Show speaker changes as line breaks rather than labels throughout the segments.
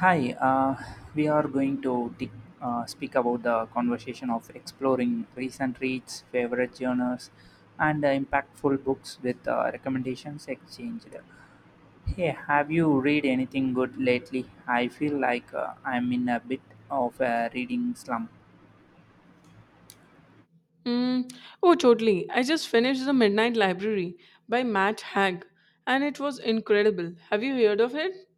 Hi, we are going to speak about the conversation of exploring recent reads, favorite genres, and impactful books with recommendations exchanged. Hey, have you read anything good lately? I feel like I'm in a bit of a reading slump.
Mm, oh, totally. I just finished The Midnight Library by Matt Haig, and it was incredible. Have you heard of it?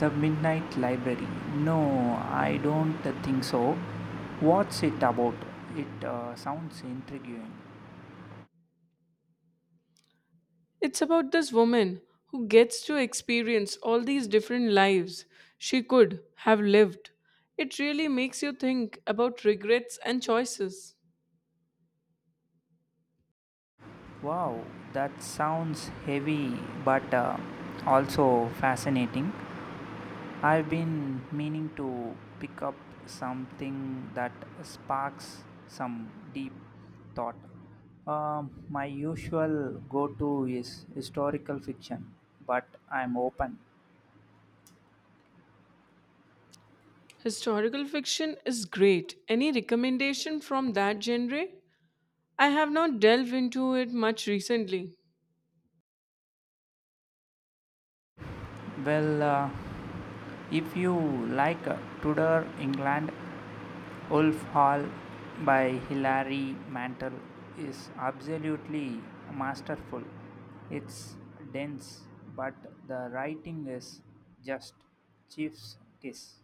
The Midnight Library. No, I don't think so. What's it about? It sounds intriguing.
It's about this woman who gets to experience all these different lives she could have lived. It really makes you think about regrets and choices.
Wow, that sounds heavy but also fascinating. I've been meaning to pick up something that sparks some deep thought. My usual go to is historical fiction, but I'm open.
Historical fiction is great. Any recommendation from that genre? I have not delved into it much recently.
Well, if you like Tudor England, Wolf Hall by Hilary Mantel is absolutely masterful. It's dense, but the writing is just Chief's kiss.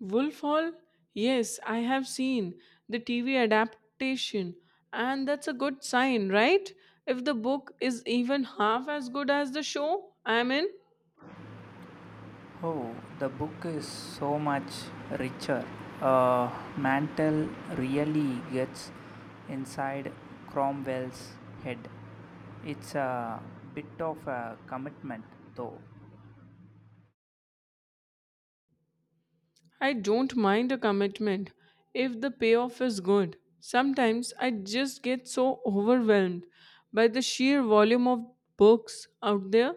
Wolf Hall? Yes, I have seen the TV adaptation, and that's a good sign, right? If the book is even half as good as the show, I'm in.
Oh, the book is so much richer. Uh, Mantel really gets inside Cromwell's head. It's a bit of a commitment, though.
I don't mind a commitment if the payoff is good. Sometimes I just get so overwhelmed by the sheer volume of books out there.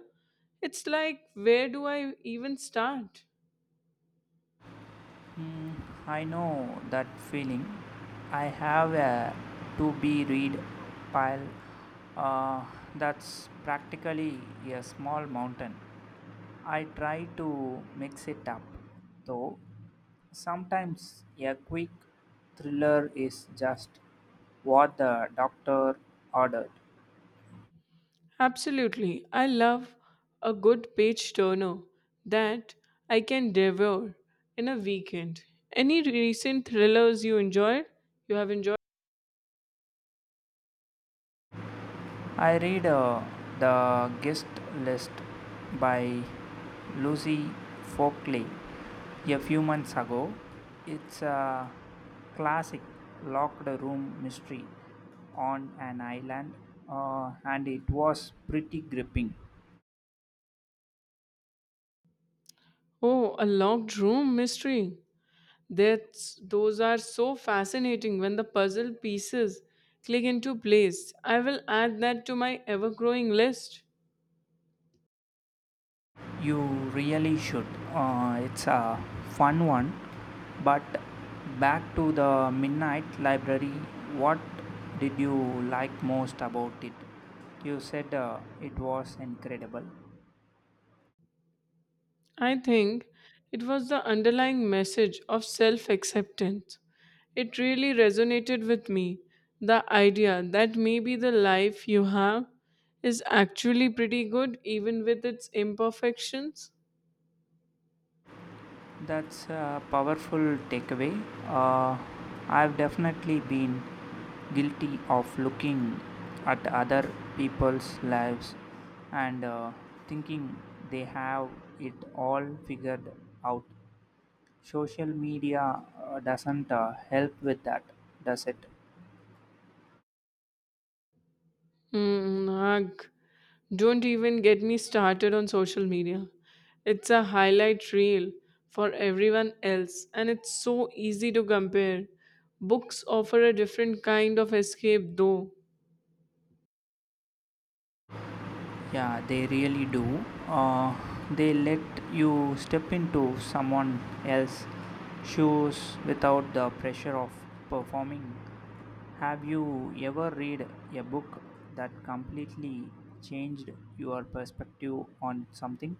It's like, where do I even start?
Mm, I know that feeling. I have a to be read pile uh, that's practically a small mountain. I try to mix it up, though. Sometimes a quick thriller is just what the doctor ordered.
Absolutely. I love a good page turner that I can devour in a weekend. Any recent thrillers you enjoyed? You have enjoyed?
I read The Guest List by Lucy Folkley a few months ago. It's a classic locked room mystery on an island, and it was pretty gripping.
Oh, a locked room mystery. That's those are so fascinating when the puzzle pieces click into place. I will add that to my ever-growing list.
You really should. It's a fun one. But back to the Midnight Library, what did you like most about it? You said it was incredible.
I think it was the underlying message of self acceptance. It really resonated with me. The idea that maybe the life you have is actually pretty good, even with its imperfections.
That's a powerful takeaway. Uh, I've definitely been guilty of looking at other people's lives and thinking they have it all figured out. Social media doesn't help with that, does it?
Mm, ugh. Don't even get me started on social media. It's a highlight reel for everyone else, and it's so easy to compare. Books offer a different kind of escape, though.
Yeah, they really do. They let you step into someone else's shoes without the pressure of performing. Have you ever read a book that completely changed your perspective on something?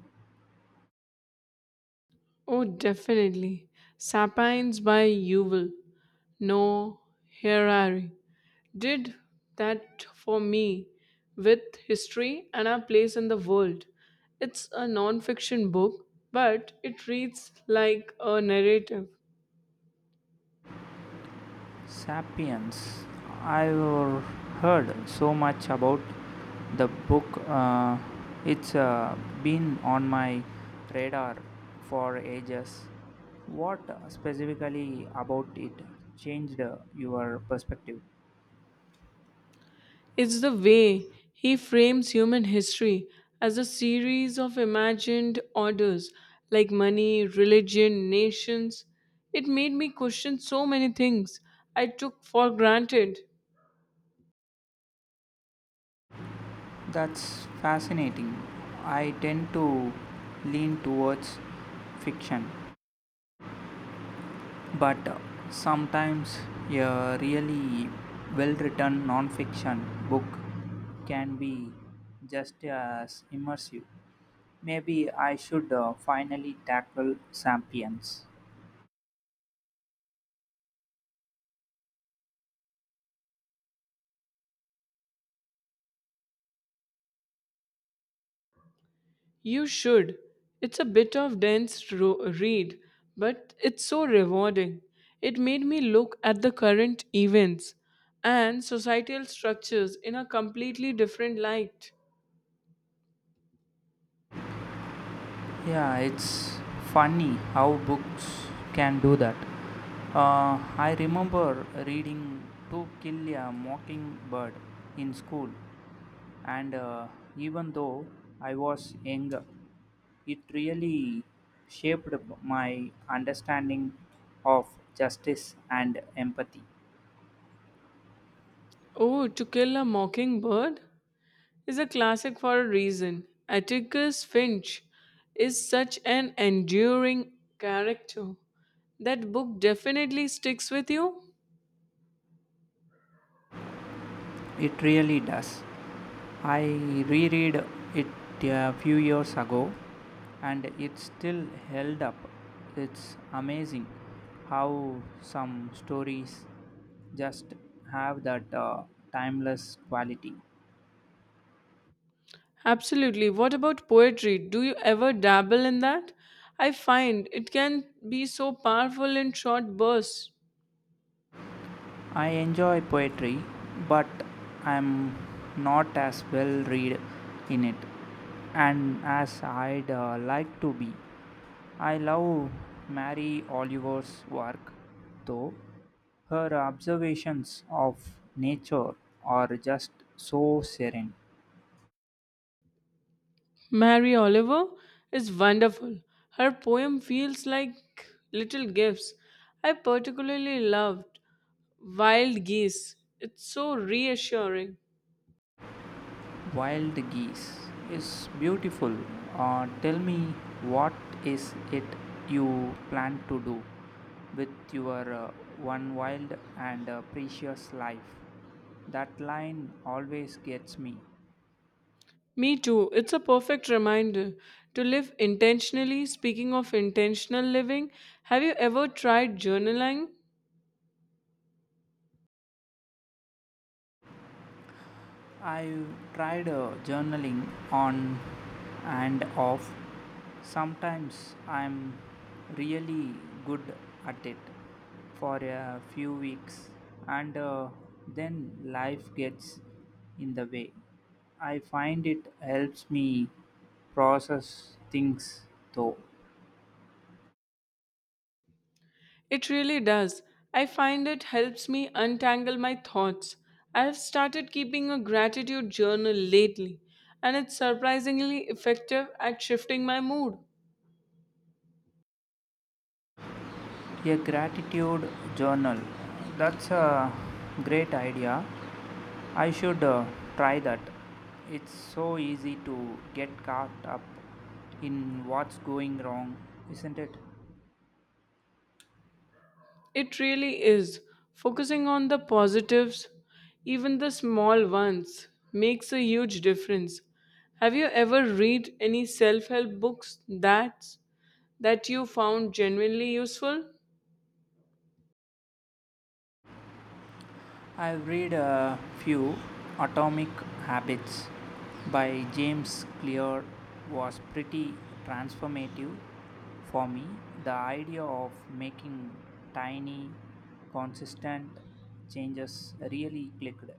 Oh, definitely. Sapiens by Yuval No Harari did that for me with History and Our Place in the World. It's a non-fiction book, but it reads like a narrative.
Sapiens. I've heard so much about the book. It's been on my radar for ages. What specifically about it changed your perspective?
It's the way he frames human history as a series of imagined orders like money, religion, nations. It made me question so many things I took for granted.
That's fascinating. I tend to lean towards fiction, but sometimes a really well written non fiction book can be just as immersive. Maybe I should finally tackle Sapiens.
You should. It's a bit of read, but it's so rewarding. It made me look at the current events and societal structures in a completely different light.
Yeah, it's funny how books can do that. I remember reading To Kill a Mockingbird in school, and even though I was younger, it really shaped my understanding of justice and empathy.
Oh, To Kill a Mockingbird is a classic for a reason. Atticus Finch is such an enduring character. That book definitely sticks with you.
It really does. I reread it a few years ago and it still held up. It's amazing how some stories just have that timeless quality.
Absolutely. What about poetry? Do you ever dabble in that? I find it can be so powerful in short bursts.
I enjoy poetry, but I'm not as well read in it and as I'd like to be. I love Mary Oliver's work, though. Her observations of nature are just so serene.
Mary Oliver is wonderful. Her poem feels like little gifts. I particularly loved Wild Geese. It's so reassuring.
Wild geese is beautiful. Tell me, what is it you plan to do with your one wild and precious life? That line always gets me.
Me too. It's a perfect reminder to live intentionally. Speaking of intentional living, have you ever tried journaling?
I've tried journaling on and off. Sometimes I'm really good at it for a few weeks, and then life gets in the way. I find it helps me process things though.
It really does. I find it helps me untangle my thoughts. I have started keeping a gratitude journal lately, and it's surprisingly effective at shifting my mood.
A gratitude journal, that's a great idea. I should try that. It's so easy to get caught up in what's going wrong, isn't it?
It really is. Focusing on the positives, even the small ones, makes a huge difference. Have you ever read any self-help books that you found genuinely useful?
I've read a few. Atomic Habits by James Clear was pretty transformative for me. The idea of making tiny consistent changes really clicked.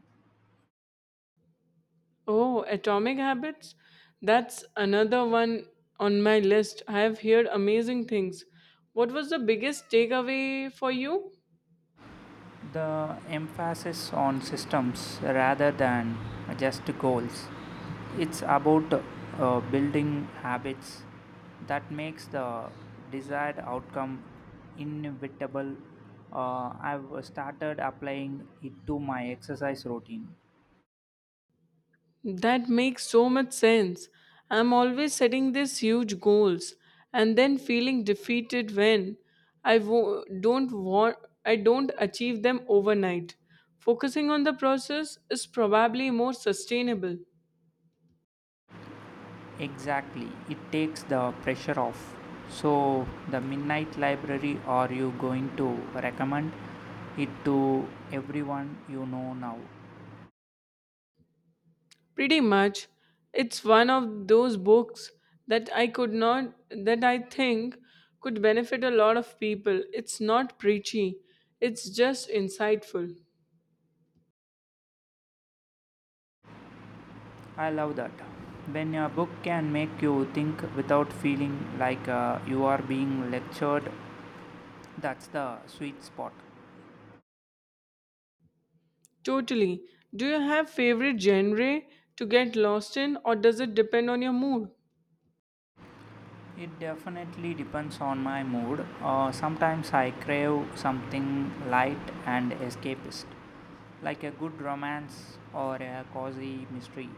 Oh, Atomic Habits? That's another one on my list. I have heard amazing things. What was the biggest takeaway for you?
The emphasis on systems rather than just goals. It's about building habits that makes the desired outcome inevitable. I've started applying it to my exercise routine.
That makes so much sense. I'm always setting these huge goals and then feeling defeated when I wo- don't want I don't achieve them overnight. Focusing on the process is probably more sustainable.
Exactly, it takes the pressure off. So, the Midnight Library, are you going to recommend it to everyone you know now?
Pretty much. It's one of those books that I could not, that I think could benefit a lot of people. It's not preachy, it's just insightful.
I love that. When a book can make you think without feeling like you are being lectured, that's the sweet spot.
Totally. Do you have favorite genre to get lost in or does it depend on your mood?
It definitely depends on my mood. Sometimes I crave something light and escapist, like a good romance or a cozy mystery.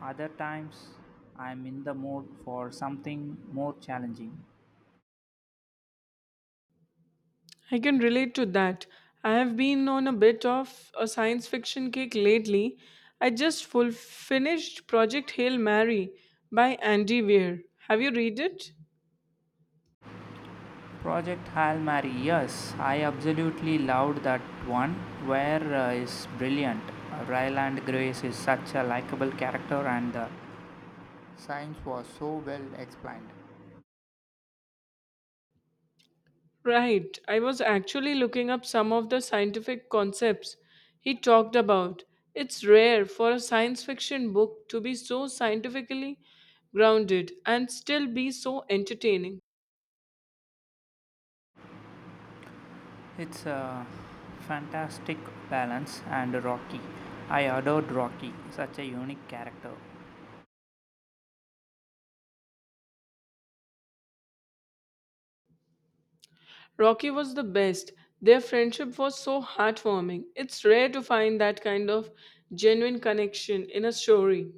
Other times I'm in the mood for something more challenging.
I can relate to that. I have been on a bit of a science fiction kick lately. I just full finished Project Hail Mary by Andy Weir. Have you read it?
Project Hail Mary, yes, I absolutely loved that one. Where is brilliant. Ryland Grace is such a likable character, and the science was so well explained.
Right. I was actually looking up some of the scientific concepts he talked about. It's rare for a science fiction book to be so scientifically grounded and still be so entertaining.
It's a fantastic balance and Rocky. I adored Rocky, such a unique character.
Rocky was the best. Their friendship was so heartwarming. It's rare to find that kind of genuine connection in a story.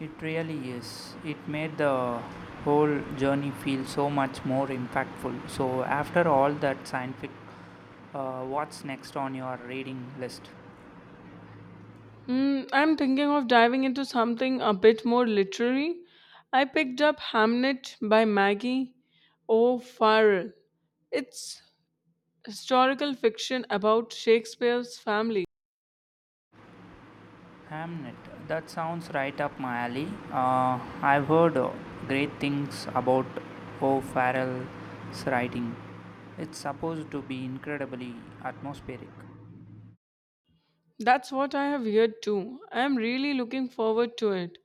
It really is. It made the whole journey feel so much more impactful. So, after all that scientific, what's next on your reading list?
Mm, I'm thinking of diving into something a bit more literary. I picked up Hamnet by Maggie O'Farrell. It's historical fiction about Shakespeare's family.
Hamnet. That sounds right up my alley. I've heard great things about O'Farrell's writing. It's supposed to be incredibly atmospheric.
That's what I have heard too. I am really looking forward to it.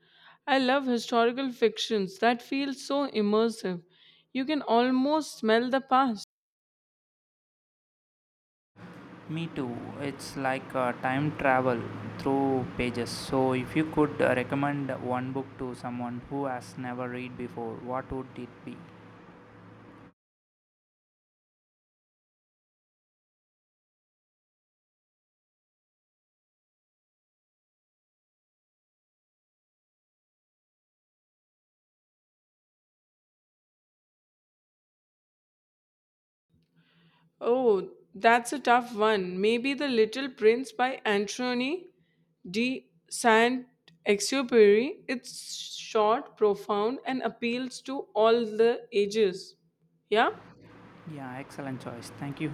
I love historical fictions that feel so immersive. You can almost smell the past.
Me too. It's like time travel through pages. So, if you could recommend one book to someone who has never read before, what would it be?
Oh, that's a tough one. Maybe The Little Prince by Anthony de Saint-Exupéry. It's short, profound, and appeals to all the ages. Yeah?
Yeah, excellent choice. Thank you.